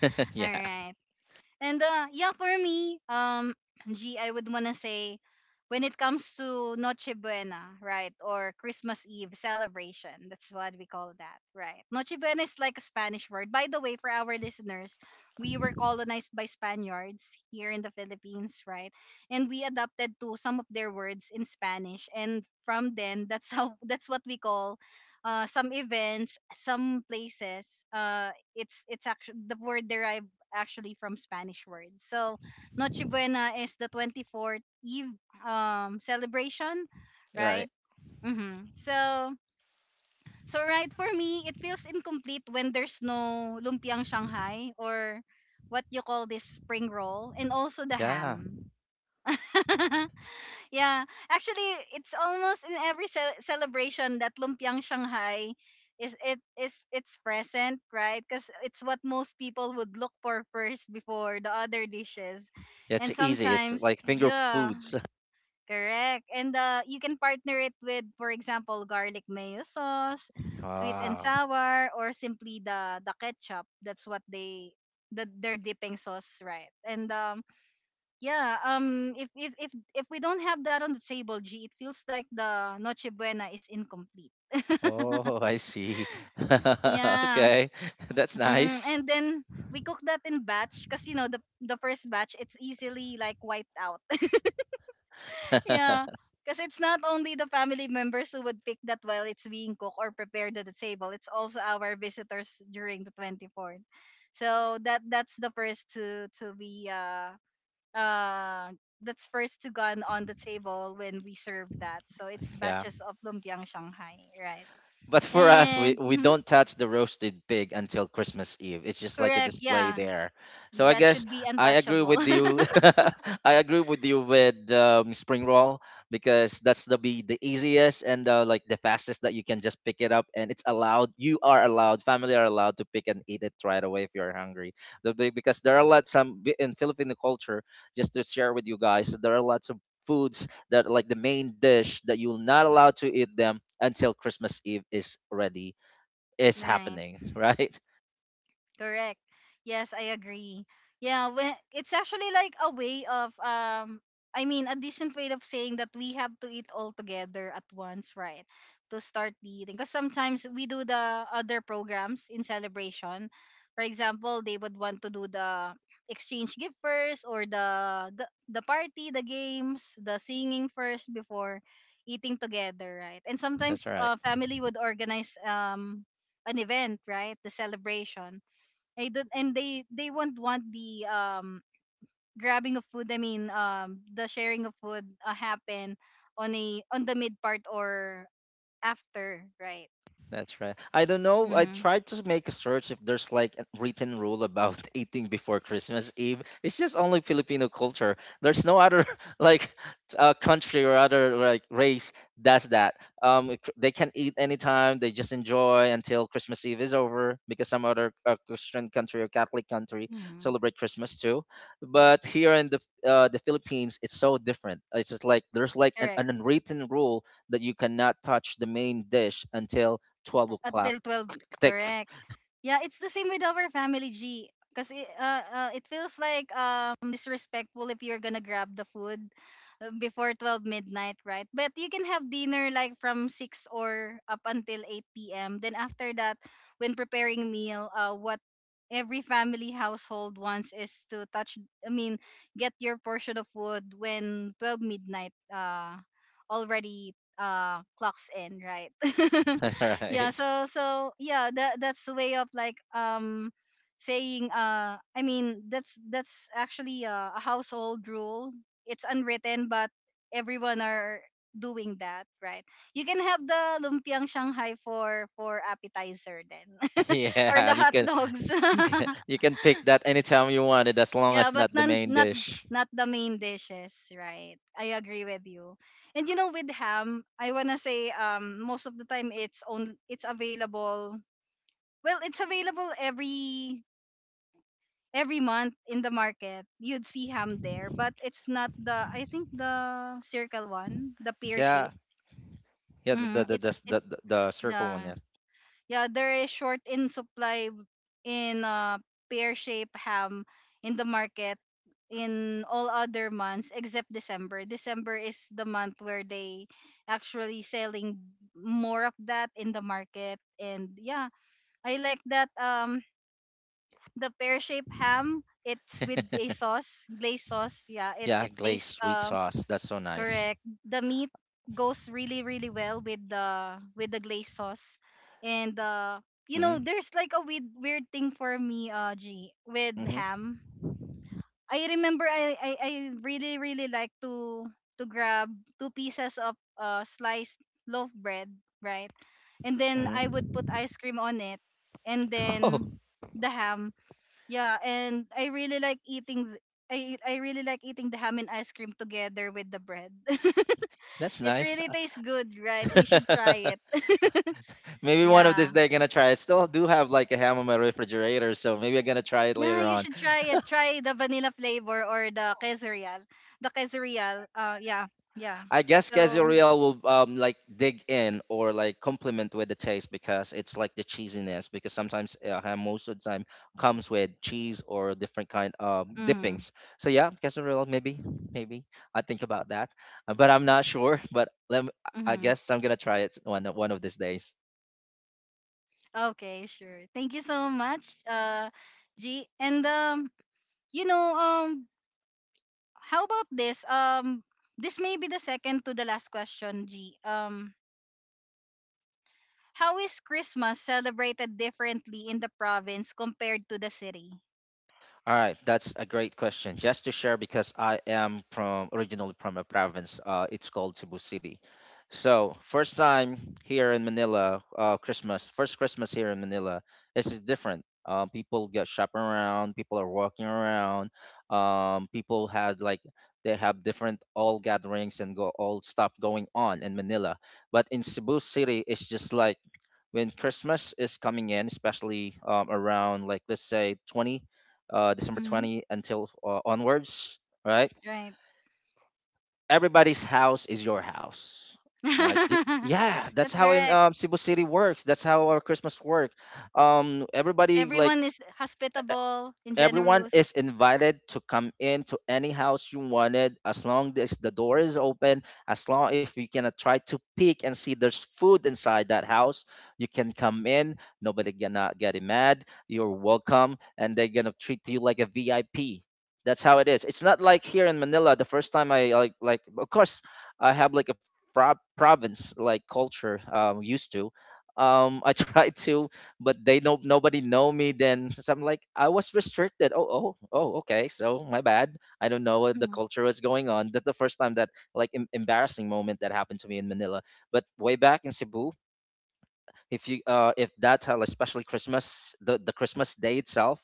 <laughs>
All
yeah.
right. And yeah, for me, <clears throat> G, I would wanna say, when it comes to Noche Buena, right, or Christmas Eve celebration, that's what we call that, right? Noche Buena is like a Spanish word. By the way, for our listeners, we were colonized by Spaniards here in the Philippines, right? And we adapted to some of their words in Spanish, and from then, that's how <laughs> that's what we call. Some events, some places, it's actually the word derived actually from Spanish words. So Noche Buena is the 24th Eve celebration,
You're
right?
right.
Hmm. So so right, for me, it feels incomplete when there's no lumpiang Shanghai or what you call this spring roll, and also the
Yeah.
ham. <laughs> Yeah, actually, it's almost in every celebration that lumpiang Shanghai is it is it's present, right? Because it's what most people would look for first before the other dishes,
Yeah,
and
it's easy. It's
sometimes,
like finger
yeah,
foods. <laughs>
correct. And you can partner it with, for example, garlic mayo sauce, sweet and
Wow.
sour, or simply the ketchup. That's what they, their dipping sauce, right? And yeah if we don't have that on the table, G, it feels like the Noche Buena is incomplete.
Oh, I see. <laughs>
Yeah.
okay. <laughs> That's
mm
nice.
and then we cook that in batch because the first batch it's easily like wiped out. <laughs> Yeah,
<laughs>
because it's not only the family members who would pick that while it's being cooked or prepared at the table, it's also our visitors during the 24th. So that's the first to be uh that's first to gone on the table when we serve that. So it's
yeah.
batches of lumpiang Shanghai, right?
But for us, we,
And
we
mhm,
don't touch the roasted pig until Christmas Eve. It's just like a
correct,
display
yeah,
there. So I
that
guess
should be
I agree
untouchable.
with you.
<laughs>
<laughs> I agree with you with, spring roll, because that's the be the easiest, and like the fastest, that you can just pick it up, and it's allowed. You are allowed. Family are allowed to pick and eat it right away if you're hungry. Because there are lots some in Filipino culture. Just to share with you guys, there are lots of foods that are like the main dish that you're not allowed to eat them until Christmas Eve is ready is
Right?
happening, <laughs> right?
Correct. Yes, I agree. Yeah, when it's actually like a way of a decent way of saying that we have to eat all together at once, right? To start the eating. Because sometimes we do the other programs in celebration. For example, they would want to do the exchange gift first, or the the party, the games, the singing first before eating together, right? And
That's
sometimes
right.
family would organize an event, right? The celebration, I don't, and they won't want the grabbing of food. The sharing of food happen on a on the mid part or after, right?
That's right. I don't know. I
Mm-hmm.
tried to make a search if there's like a written rule about <laughs> eating before Christmas Eve. It's just only Filipino culture. There's no other, <laughs> like, country or other like race does that. They can eat anytime. They just enjoy until Christmas Eve is over, because some other, Christian country or Catholic country
Mm-hmm.
celebrate Christmas too. But here in the Philippines, it's so different. It's just like there's like an,
Correct.
an unwritten rule that you cannot touch the main dish until 12 o'clock,
Until 12,
tick,
correct. Yeah, it's the same with our family, G. Because it feels like disrespectful if you're gonna grab the food before 12 midnight, right? But you can have dinner like from 6 or up until 8 p.m. Then after that, when preparing meal, what every family household wants is to touch, I mean, get your portion of food when 12 midnight already clocks in, right? <laughs>
<laughs>
Yeah,
right.
so yeah, that's a way of like saying, that's actually a household rule. It's unwritten, but everyone are doing that, right? You can have the lumpiang shanghai for appetizer, then
<laughs>
<laughs> or
yeah,
the
you
hot
can
dogs.
you can you
<laughs>
can pick that anytime you wanted, as long
Yeah,
as
but
not the
none,
main
not
dish.
not the main dishes, right? I agree with you. And you know, with ham, I want to say, most of the time it's on it's available. Well, it's available every month in the market. You'd see ham there, but it's not the, I think, the circle one, the pear
Yeah.
shape.
Yeah, the the
Mm,
the
it's
the, the,
it's
the the circle one.
the
Yeah,
yeah, there is short in supply in pear shape ham in the market in all other months except December. December is the month where they actually selling more of that in the market. And yeah, I like that, the pear shaped ham. It's with a sauce, glazed sauce. Yeah, it
yeah
it
glazed
tastes
sweet sauce, that's so nice.
correct. The meat goes really really well with the glazed sauce. And you know,
Mm-hmm,
there's like a weird thing for me, G, with
mm-hmm,
ham. I remember I really really like to grab two pieces of sliced loaf bread, right? And then I would
mm-hmm.
put ice cream on it, and
<laughs> oh,
then the ham, yeah, and I really like I really like eating the ham and ice cream together with the bread. <laughs>
that's
It
nice.
really tastes good, right? You
<laughs>
should try it. <laughs>
maybe one of
Yeah.
these days I'm gonna try it, still do have like a ham in my refrigerator, so maybe I'm gonna try it
Yeah,
later
you
on.
should try it. Try the vanilla flavor or the quesadilla. The quesadilla. Yeah. Yeah.
I guess
So,
quesadilla will like dig in, or like complement with the taste, because it's like the cheesiness, because sometimes, ham most of the time comes with cheese or different kind of
mhm.
dippings. So yeah, quesadilla maybe, maybe I think about that. But I'm not sure. But let me, I
Mhm.
guess I'm gonna try it one of these days.
Okay, sure. Thank you so much. G, and you know um how about this? This may be the second to the last question, G. How is Christmas celebrated differently in the province compared to the city?
All right, that's a great question. Just to share, because I am from originally from a province, it's called Cebu City. So first time here in Manila, first Christmas here in Manila, this is different. People get shopping around, people are walking around, people had like they have different all gatherings and go all stuff going on in Manila. But in Cebu City, it's just like when Christmas is coming in, especially, around, like, let's say 20 uh, December
Hmm.
20 until, onwards, right?
Right.
Everybody's house is your house. All right. Y-
<laughs>
Yeah, that's
That's
how in,
correct.
Cebu City works. That's how our Christmas work. Everybody like
Everyone is hospitable and
everyone
generous.
is invited to come in to any house you wanted, as long as the door is open. As long, if you cannot, try to peek and see there's food inside that house, you can come in. Nobody gonna get mad, you're welcome, and they're gonna treat you like a VIP. That's how it is. It's not like here in Manila. The first time, I, like, of course, I have like a province, like, culture, used to, I <laughs> try to, but they know nobody know me then. <laughs> so I'm like, I was restricted. Oh, oh, oh, okay. So my bad, I don't know what the
Mhm.
culture was going on. That's the first time that like embarrassing moment that happened to me in Manila. But way back in Cebu, if you if that especially Christmas, the Christmas day itself,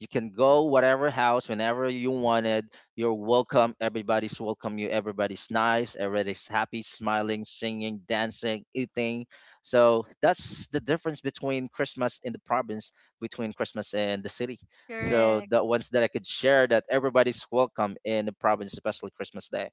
you can go whatever house whenever you wanted. You're welcome. Everybody's welcome you. Everybody's nice. Everybody's happy, smiling, singing, dancing, eating. So that's the difference between Christmas in the province, between Christmas and the city. So
Correct.
the ones that I could share, that everybody's welcome in the province, especially Christmas Day.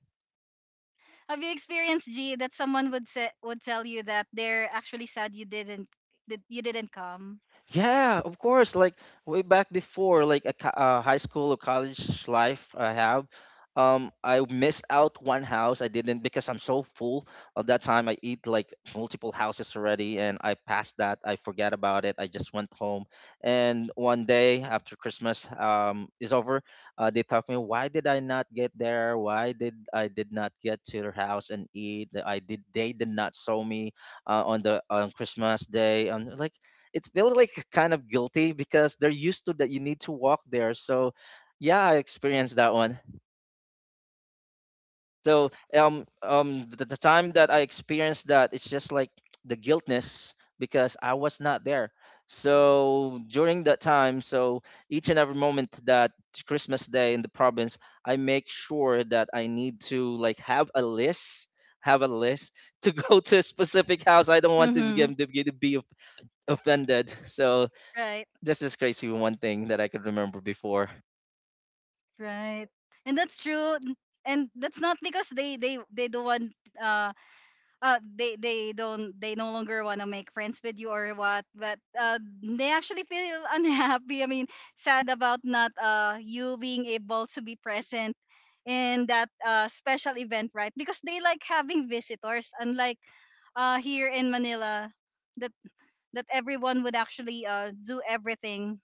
Have you experienced, G, that someone would say, would tell you that they're actually sad you didn't, that you didn't come?
Yeah, of course. Like way back before, like a high school or college life I have, I missed out one house. I didn't, because I'm so full. At that time, I eat like multiple houses already, and I passed that. I forgot about it. I just went home. And one day after Christmas, is over, they talked me. Why did I not get there? Why did I did not get to their house and eat? I did. They did not show me, on Christmas day. I'm like it feels like <laughs> kind of guilty because they're used to that you need to walk there. So yeah, I experienced that one. So the time that I experienced that, it's just like the guiltness because I was not there. So during that time, so each and every moment that Christmas Day in the province, I make sure that I need to like have a list to go <laughs> to a specific house. I don't want to get
Mm-hmm.
them to be offended. So
Right,
this is crazy one thing that I could remember before.
right. And that's true. And that's not because they they don't want uh they don't, they no longer want to make friends with you or what, but they actually feel <laughs> unhappy, sad about not you being able to be present in that special event, right? Because they like having visitors, unlike here in Manila, that that everyone would actually do everything.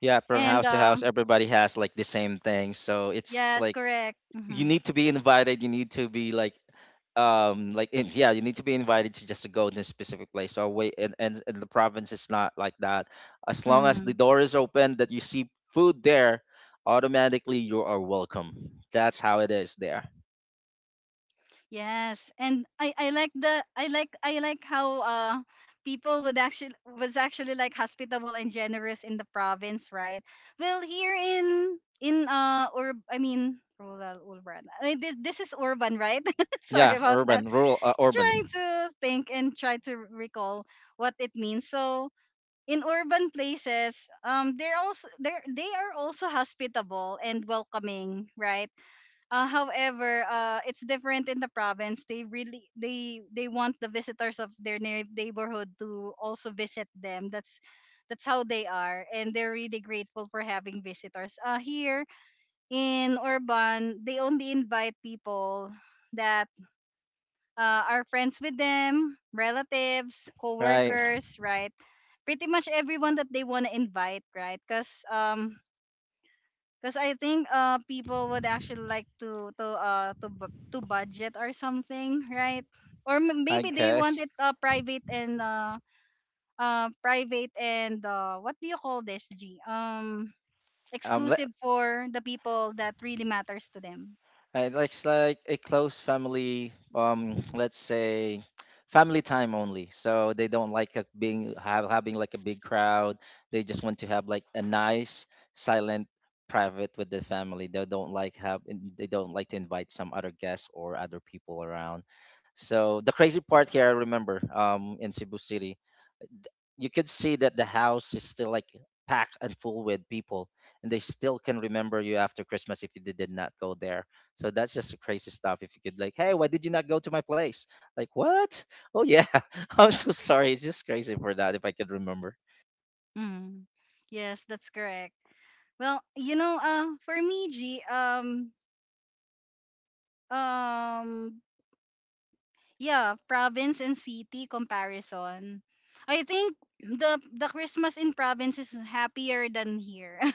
Yeah, from
And
house to
uh,
house, everybody has like the same thing. So it's
yes,
like
correct,
you
mm-hmm.
need to be invited. You need to be like yeah, you need to be invited to just to go to a specific place so wait and the province is not like that. As long as the
Mm-hmm.
door is open that you see food there, automatically you are welcome. That's how it is there.
Yes, and I like the, I like how people would actually, was actually, like hospitable and generous in the province, right? Well, here in or I mean, rural urban. I mean, this is urban, right? <laughs> Sorry
Yeah,
about that.
urban rural,
Trying
urban.
to think and try to recall what it means. So in urban places, they're also, they are also hospitable and welcoming, right? However, it's different in the province. They really, they want the visitors of their neighborhood to also visit them. That's how they are, and they're really grateful for having visitors. Here in Urban, they only invite people that are friends with them, relatives,
Right.
co-workers, right? Pretty much everyone that they want to invite, right? Because I think people would actually like to to budget or something, right? Or
I
maybe they want
guess.
it private and private, and what do you call this, G,
um let,
exclusive for the people that really matters to them.
It looks like a close family, let's say family time only. So they don't like a being have having like a big crowd. They just want to have like a nice, silent, private with the family. They don't like to invite some other guests or other people around. So the crazy part here, I remember, in Cebu City, you could see that the house is still like packed and full with people, and they still can remember you after Christmas if you did not go there. So that's just the crazy stuff. If you could like, hey, why did you not go to my place? Like what? Oh yeah. <laughs> I'm so sorry. It's just crazy for that if I could remember.
Mm. Yes, that's correct. Well, you know, for me, G, um, yeah, province and city comparison. I think the Christmas in province is happier than here. <laughs>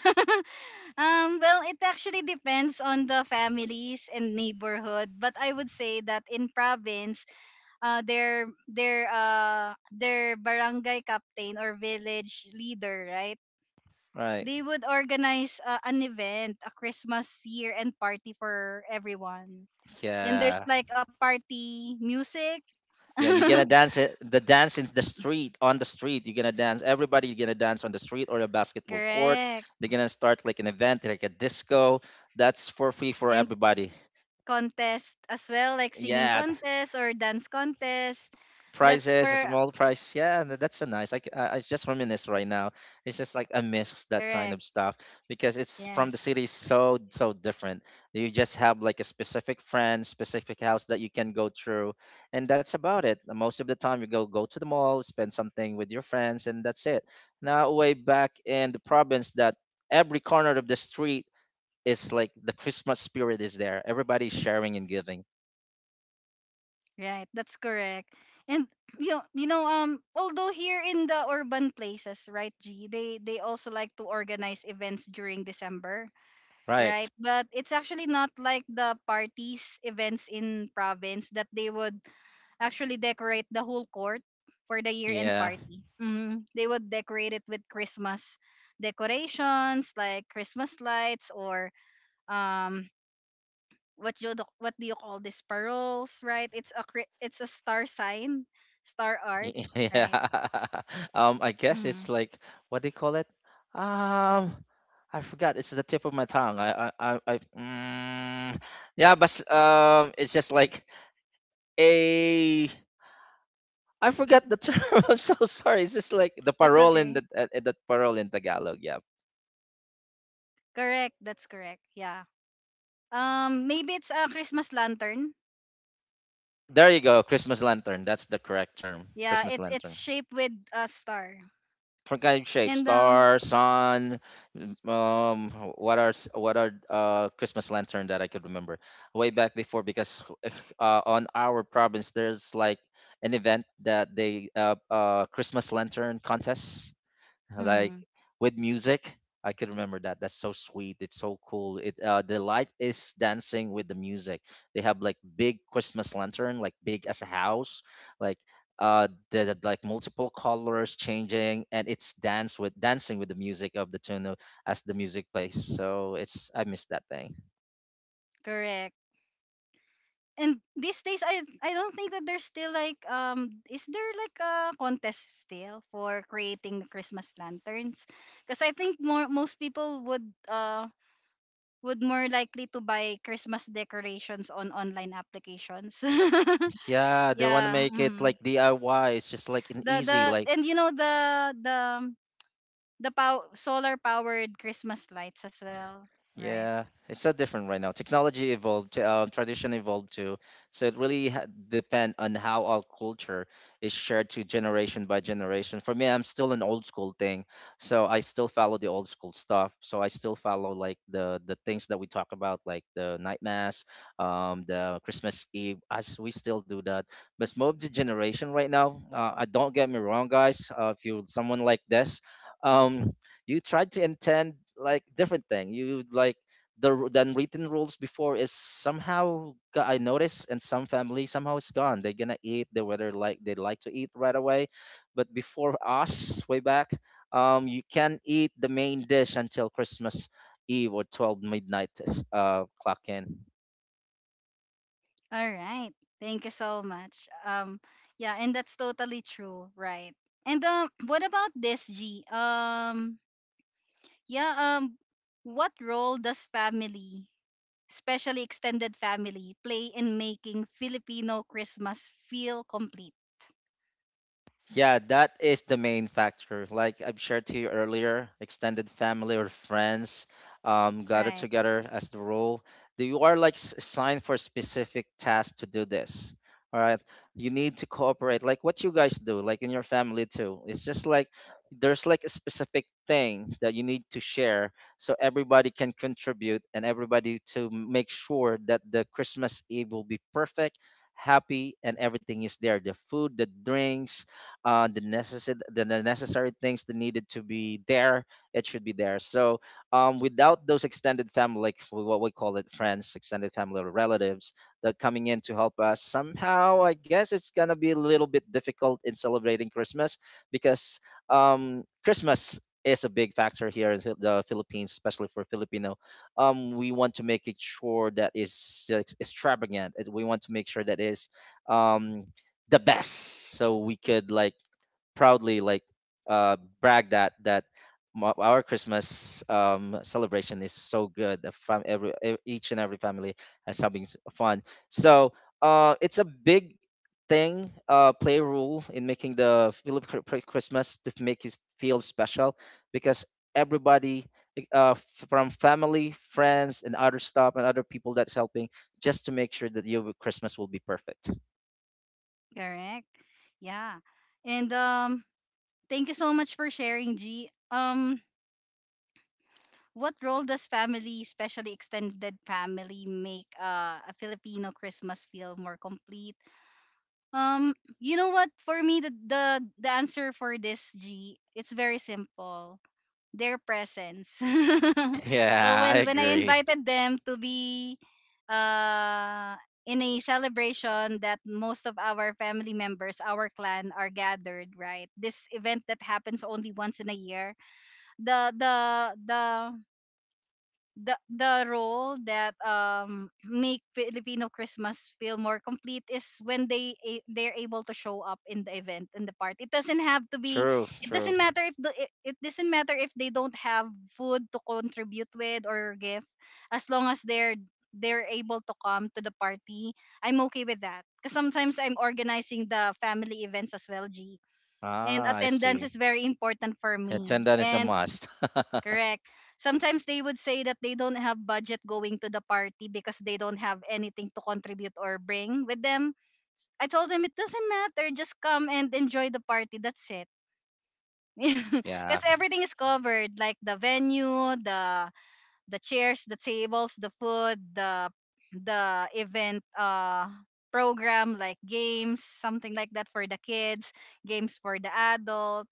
Well, it actually depends on the families and neighborhood, but I would say that in province, their barangay captain or village leader, right?
Right.
They would organize an event, a Christmas year and party for everyone. And there's
Yeah,
like a party music. <laughs>
yeah, you're gonna dance it- the dance in the street on the street, you're gonna dance. Everybody, you're gonna dance on the street or a basketball court.
Correct.
They're gonna start like an event like a disco. That's for free for
And
everybody.
contest as well, like singing
Yeah.
contest or dance contest. That's
Prices,
for
small prizes. Yeah, and that's a nice. Like I just reminisce right now. It's just like I miss that kind
correct.
of stuff because it's from the
Yes.
city so so different. You just have like a specific friend, specific house that you can go through, and that's about it. Most of the time, you go to the mall, spend something with your friends, and that's it. Now, way back in the province, that every corner of the street is like the Christmas spirit is there. Everybody's sharing and giving.
Right. That's correct. And you know, although here in the urban places, right, G, they also like to organize events during December,
Right.
right? But it's actually not like the parties events in province that they would actually decorate the whole court for the year end
Yeah.
party. Hmm. They would decorate it with Christmas decorations like Christmas lights or um what do you call this, paroles, right? It's a it's a star sign, star
<laughs>
art, right?
Yeah. <laughs> I guess it's
Hmm.
like, what they call it? Um, I forgot. It's the tip of my tongue. Yeah, but it's just like a. I forgot the term. <laughs> I'm so sorry. It's just like
That's okay.
the parole in Tagalog. Yeah.
Correct. That's correct. Yeah. Um, maybe it's a Christmas lantern.
There you go. Christmas lantern. That's the correct term.
Yeah,
Christmas
it's
lantern.
shaped with a star.
Organic shape,
And
star, sun. Um, what are Christmas lantern that I could remember way back before? Because <laughs> on our province there's like an event that they Christmas lantern contest, like
mhm,
with music. I can remember that. That's so sweet. It's so cool. It the light is dancing with the music. They have like big Christmas lantern, like big as a house, like the like multiple colors changing, and it's dance with dancing with the music of the tune of, as the music plays. So it's, I miss that thing.
correct. And these days, I don't think that there's still like is there like a contest still for creating Christmas lanterns? Because I think more most people would more likely to buy Christmas decorations on online applications.
Yeah,
<laughs>
they want to
Yeah.
make it like
Mhm.
DIY. It's just like an
The
easy like.
the and you know the um, the solar powered Christmas lights as well, right?
Yeah, it's so different right now. Technology evolved, tradition evolved too. So it really depend on how our culture is shared to generation by generation. For me, I'm still an old school thing, so I still follow the old school stuff. So I still follow like the things that we talk about, like the night mass, the Christmas Eve. As we still do that, but most of the generation right now, I don't get me wrong, guys. If you someone like this. Um, you tried to intend like different thing you like the than written rules before is somehow got, I notice in some family somehow it's gone. They're gonna eat they whether like they like to eat right away, but before us way back, you can eat the main dish until Christmas Eve or 12 midnight is, clock in.
All right. Thank you so much. Yeah, and that's totally true, right? And <clears throat> what about this, G? Yeah, what role does family, especially extended family, play in making Filipino Christmas feel complete?
Yeah, that is the main factor. Like I've shared to you earlier, extended family or friends gather
Right.
together as the rule. You are like assigned for specific tasks to do this. All right. You need to cooperate, like what you guys do, like in your family too. It's just like there's like a specific thing that you need to share so everybody can contribute and everybody to make sure that the Christmas Eve will be perfect, happy, and everything is there. The food, the drinks, the necessary necessary things that needed to be there, it should be there. So without those extended family, like what we call it, friends, extended family, or relatives that coming in to help us somehow, I guess it's gonna be a little bit difficult in celebrating Christmas because Christmas is a big factor here in the Philippines, especially for Filipino. We want to make it sure that is extravagant. It, we want to make sure that is um, the best, so we could like proudly like brag that our Christmas celebration is so good. Every each and every family has something fun. So it's a big thing, play rule in making the Christmas to make it feel special because everybody. Like, from family, friends, and other stuff, and other people that's helping, just to make sure that your Christmas will be perfect.
Correct. Yeah. And thank you so much for sharing, G. What role does family, especially extended family, make a Filipino Christmas feel more complete? Um, you know what? For me, the answer for this, G, it's very simple. Their presence. <laughs>
<laughs>
So
Yeah, I
when I
agree.
invited them to be uh in a celebration that most of our family members, our clan, are gathered, right? This event that happens only once in a year. The the the the role that make Filipino Christmas feel more complete is when they're able to show up in the event, in the party. It doesn't have to be.
True,
It
true.
doesn't matter if it doesn't matter if they don't have food to contribute with, or gift, as long as they're able to come to the party. I'm okay with that because sometimes I'm organizing the family events as well, G. And
Ah, I
attendance
see.
is very important for me.
Attendant is a
And
must. <laughs>
correct. Sometimes they would say that they don't have budget going to the party because they don't have anything to contribute or bring with them. I told them it doesn't matter, just come and enjoy the party. That's it. <laughs>
Yeah.
Because everything is covered, like the venue, the chairs, the tables, the food, the event program, like games, something like that for the kids, games for the adult,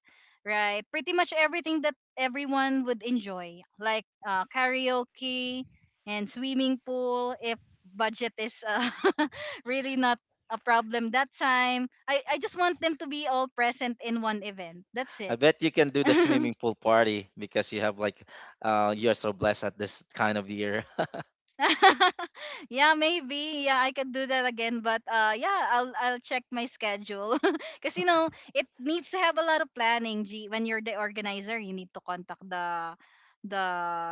right? Pretty much everything that everyone would enjoy, like karaoke and swimming pool, if budget is <laughs> really not a problem that time. I just want them to be all present in one event. That's
I
it.
bet you can do the swimming
<laughs>
pool party because you have like you're so blessed at this kind of year. <laughs>
<laughs> Yeah, maybe. Yeah, I can do that again, but yeah, I'll check my schedule. <laughs> Cuz you know, it needs to have a lot of planning, G. When you're the organizer, you need to contact the the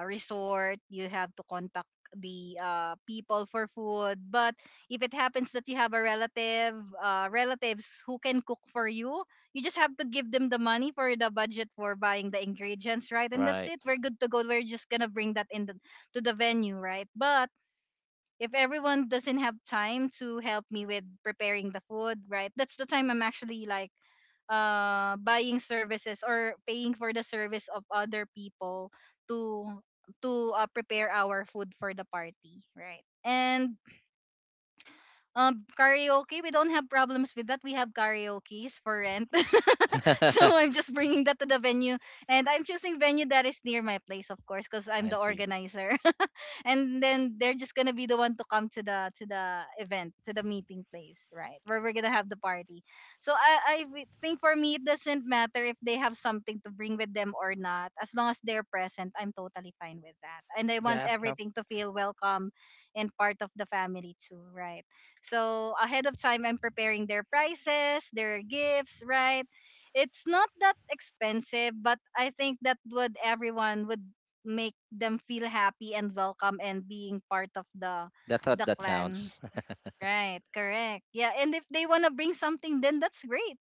resort, you have to contact the people for food. But if it happens that you have a relative, relatives who can cook for you, you just have to give them the money for the budget for buying the ingredients, right? And that's
Right.
it. We're good to go. We're just gonna bring that in to the venue, right? But if everyone doesn't have time to help me with preparing the food, right? That's the time I'm actually like buying services or paying for the service of other people to to prepare our food for the party, right? And karaoke, we don't have problems with that. We have karaoke's for rent. <laughs> So I'm
<laughs>
just bringing that to the venue, and I'm choosing venue that is near my place, of course, because I'm
I
the
see.
organizer. And then they're just gonna be the one to come to the event, to the meeting place, right, where we're gonna have the party. So think for me it doesn't matter if they have something to bring with them or not, as long as they're present. I'm totally fine with that, and I want
Yeah, yeah.
everything to feel welcome and part of the family too, right? So ahead of time, I'm preparing their prices, their gifts, right? It's not that expensive, but I think that would, everyone would make them feel happy and welcome and being part of the
That thought that
clan.
counts. <laughs>
Right, correct. Yeah, and if they want to bring something, then that's great.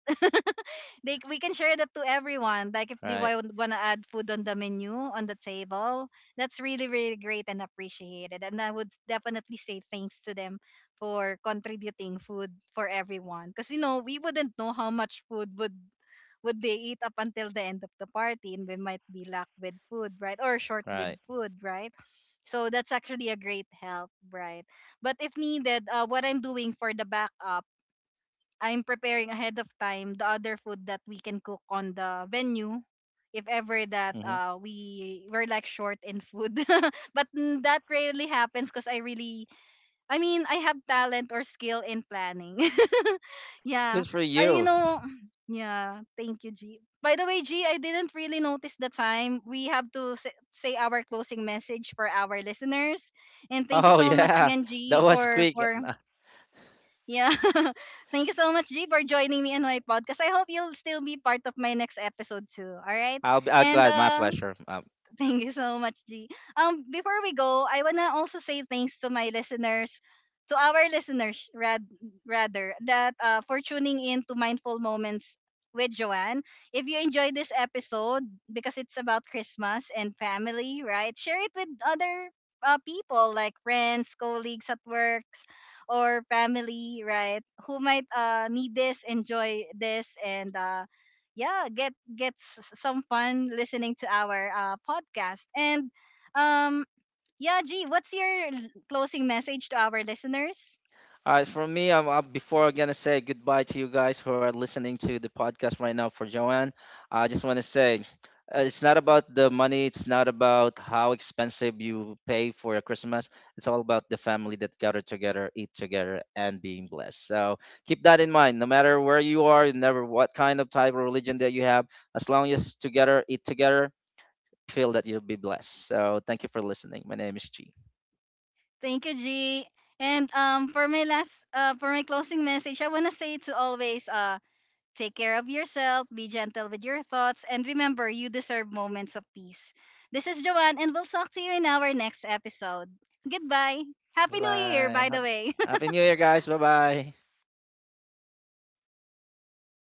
They We can share that to everyone. Like if they
Right,
want to add food on the menu, on the table, that's really really great and appreciated. And I would definitely say thanks to them for contributing food for everyone. Because you know, we wouldn't know how much food would they eat up until the end of the party, and we might be lack with food, right? Or short with
right.
food, right? So that's actually a great help, right? But if needed, what I'm doing for the backup, I'm preparing ahead of time the other food that we can cook on the venue if ever that
Hmm.
we were like short in food. <laughs> But that rarely happens because I really, I mean, I have talent or skill in planning. <laughs> Yeah.
Good for
uh, you
you.
know <clears throat> yeah, thank you, G. By the way, G, I didn't really notice the time. We have to say our closing message for our listeners. And
<laughs>
thank you
Oh
so much
yeah.
again, G,
That was
for
quick.
yeah. <laughs> Thank you so much, G, for joining me in my podcast. I hope you'll still be part of my next episode too. All right.
I'll be, I'll
And
glad my pleasure.
<laughs> thank you so much, G. Before we go, I wanna also say thanks to my listeners, to our listeners, rather, that for tuning in to Mindful Moments with Joanne. If you enjoyed this episode, because it's about Christmas and family, right? Share it with other people like friends, colleagues at works, or family, right? Who might need this, enjoy this, and yeah, gets some fun listening to our podcast. And um, yeah, G, what's your closing message to our listeners?
All right, for me, I'm, up before I'm gonna say goodbye to you guys who are listening to the podcast right now. For Joanne, I just want to say, it's not about the money. It's not about how expensive you pay for your Christmas. It's all about the family that gather together, eat together, and being blessed. So keep that in mind. No matter where you are, never what kind of type of religion that you have, as long as together, eat together, feel that you'll be blessed. So thank you for listening. My name is G.
Thank you, G. And for my last, for my closing message, I wanna say to always take care of yourself, be gentle with your thoughts, and remember you deserve moments of peace. This is Joanne, and we'll talk to you in our next episode. Goodbye. Happy New Year,
Bye
by
bye.
the way.
Happy New Year, guys. Bye bye.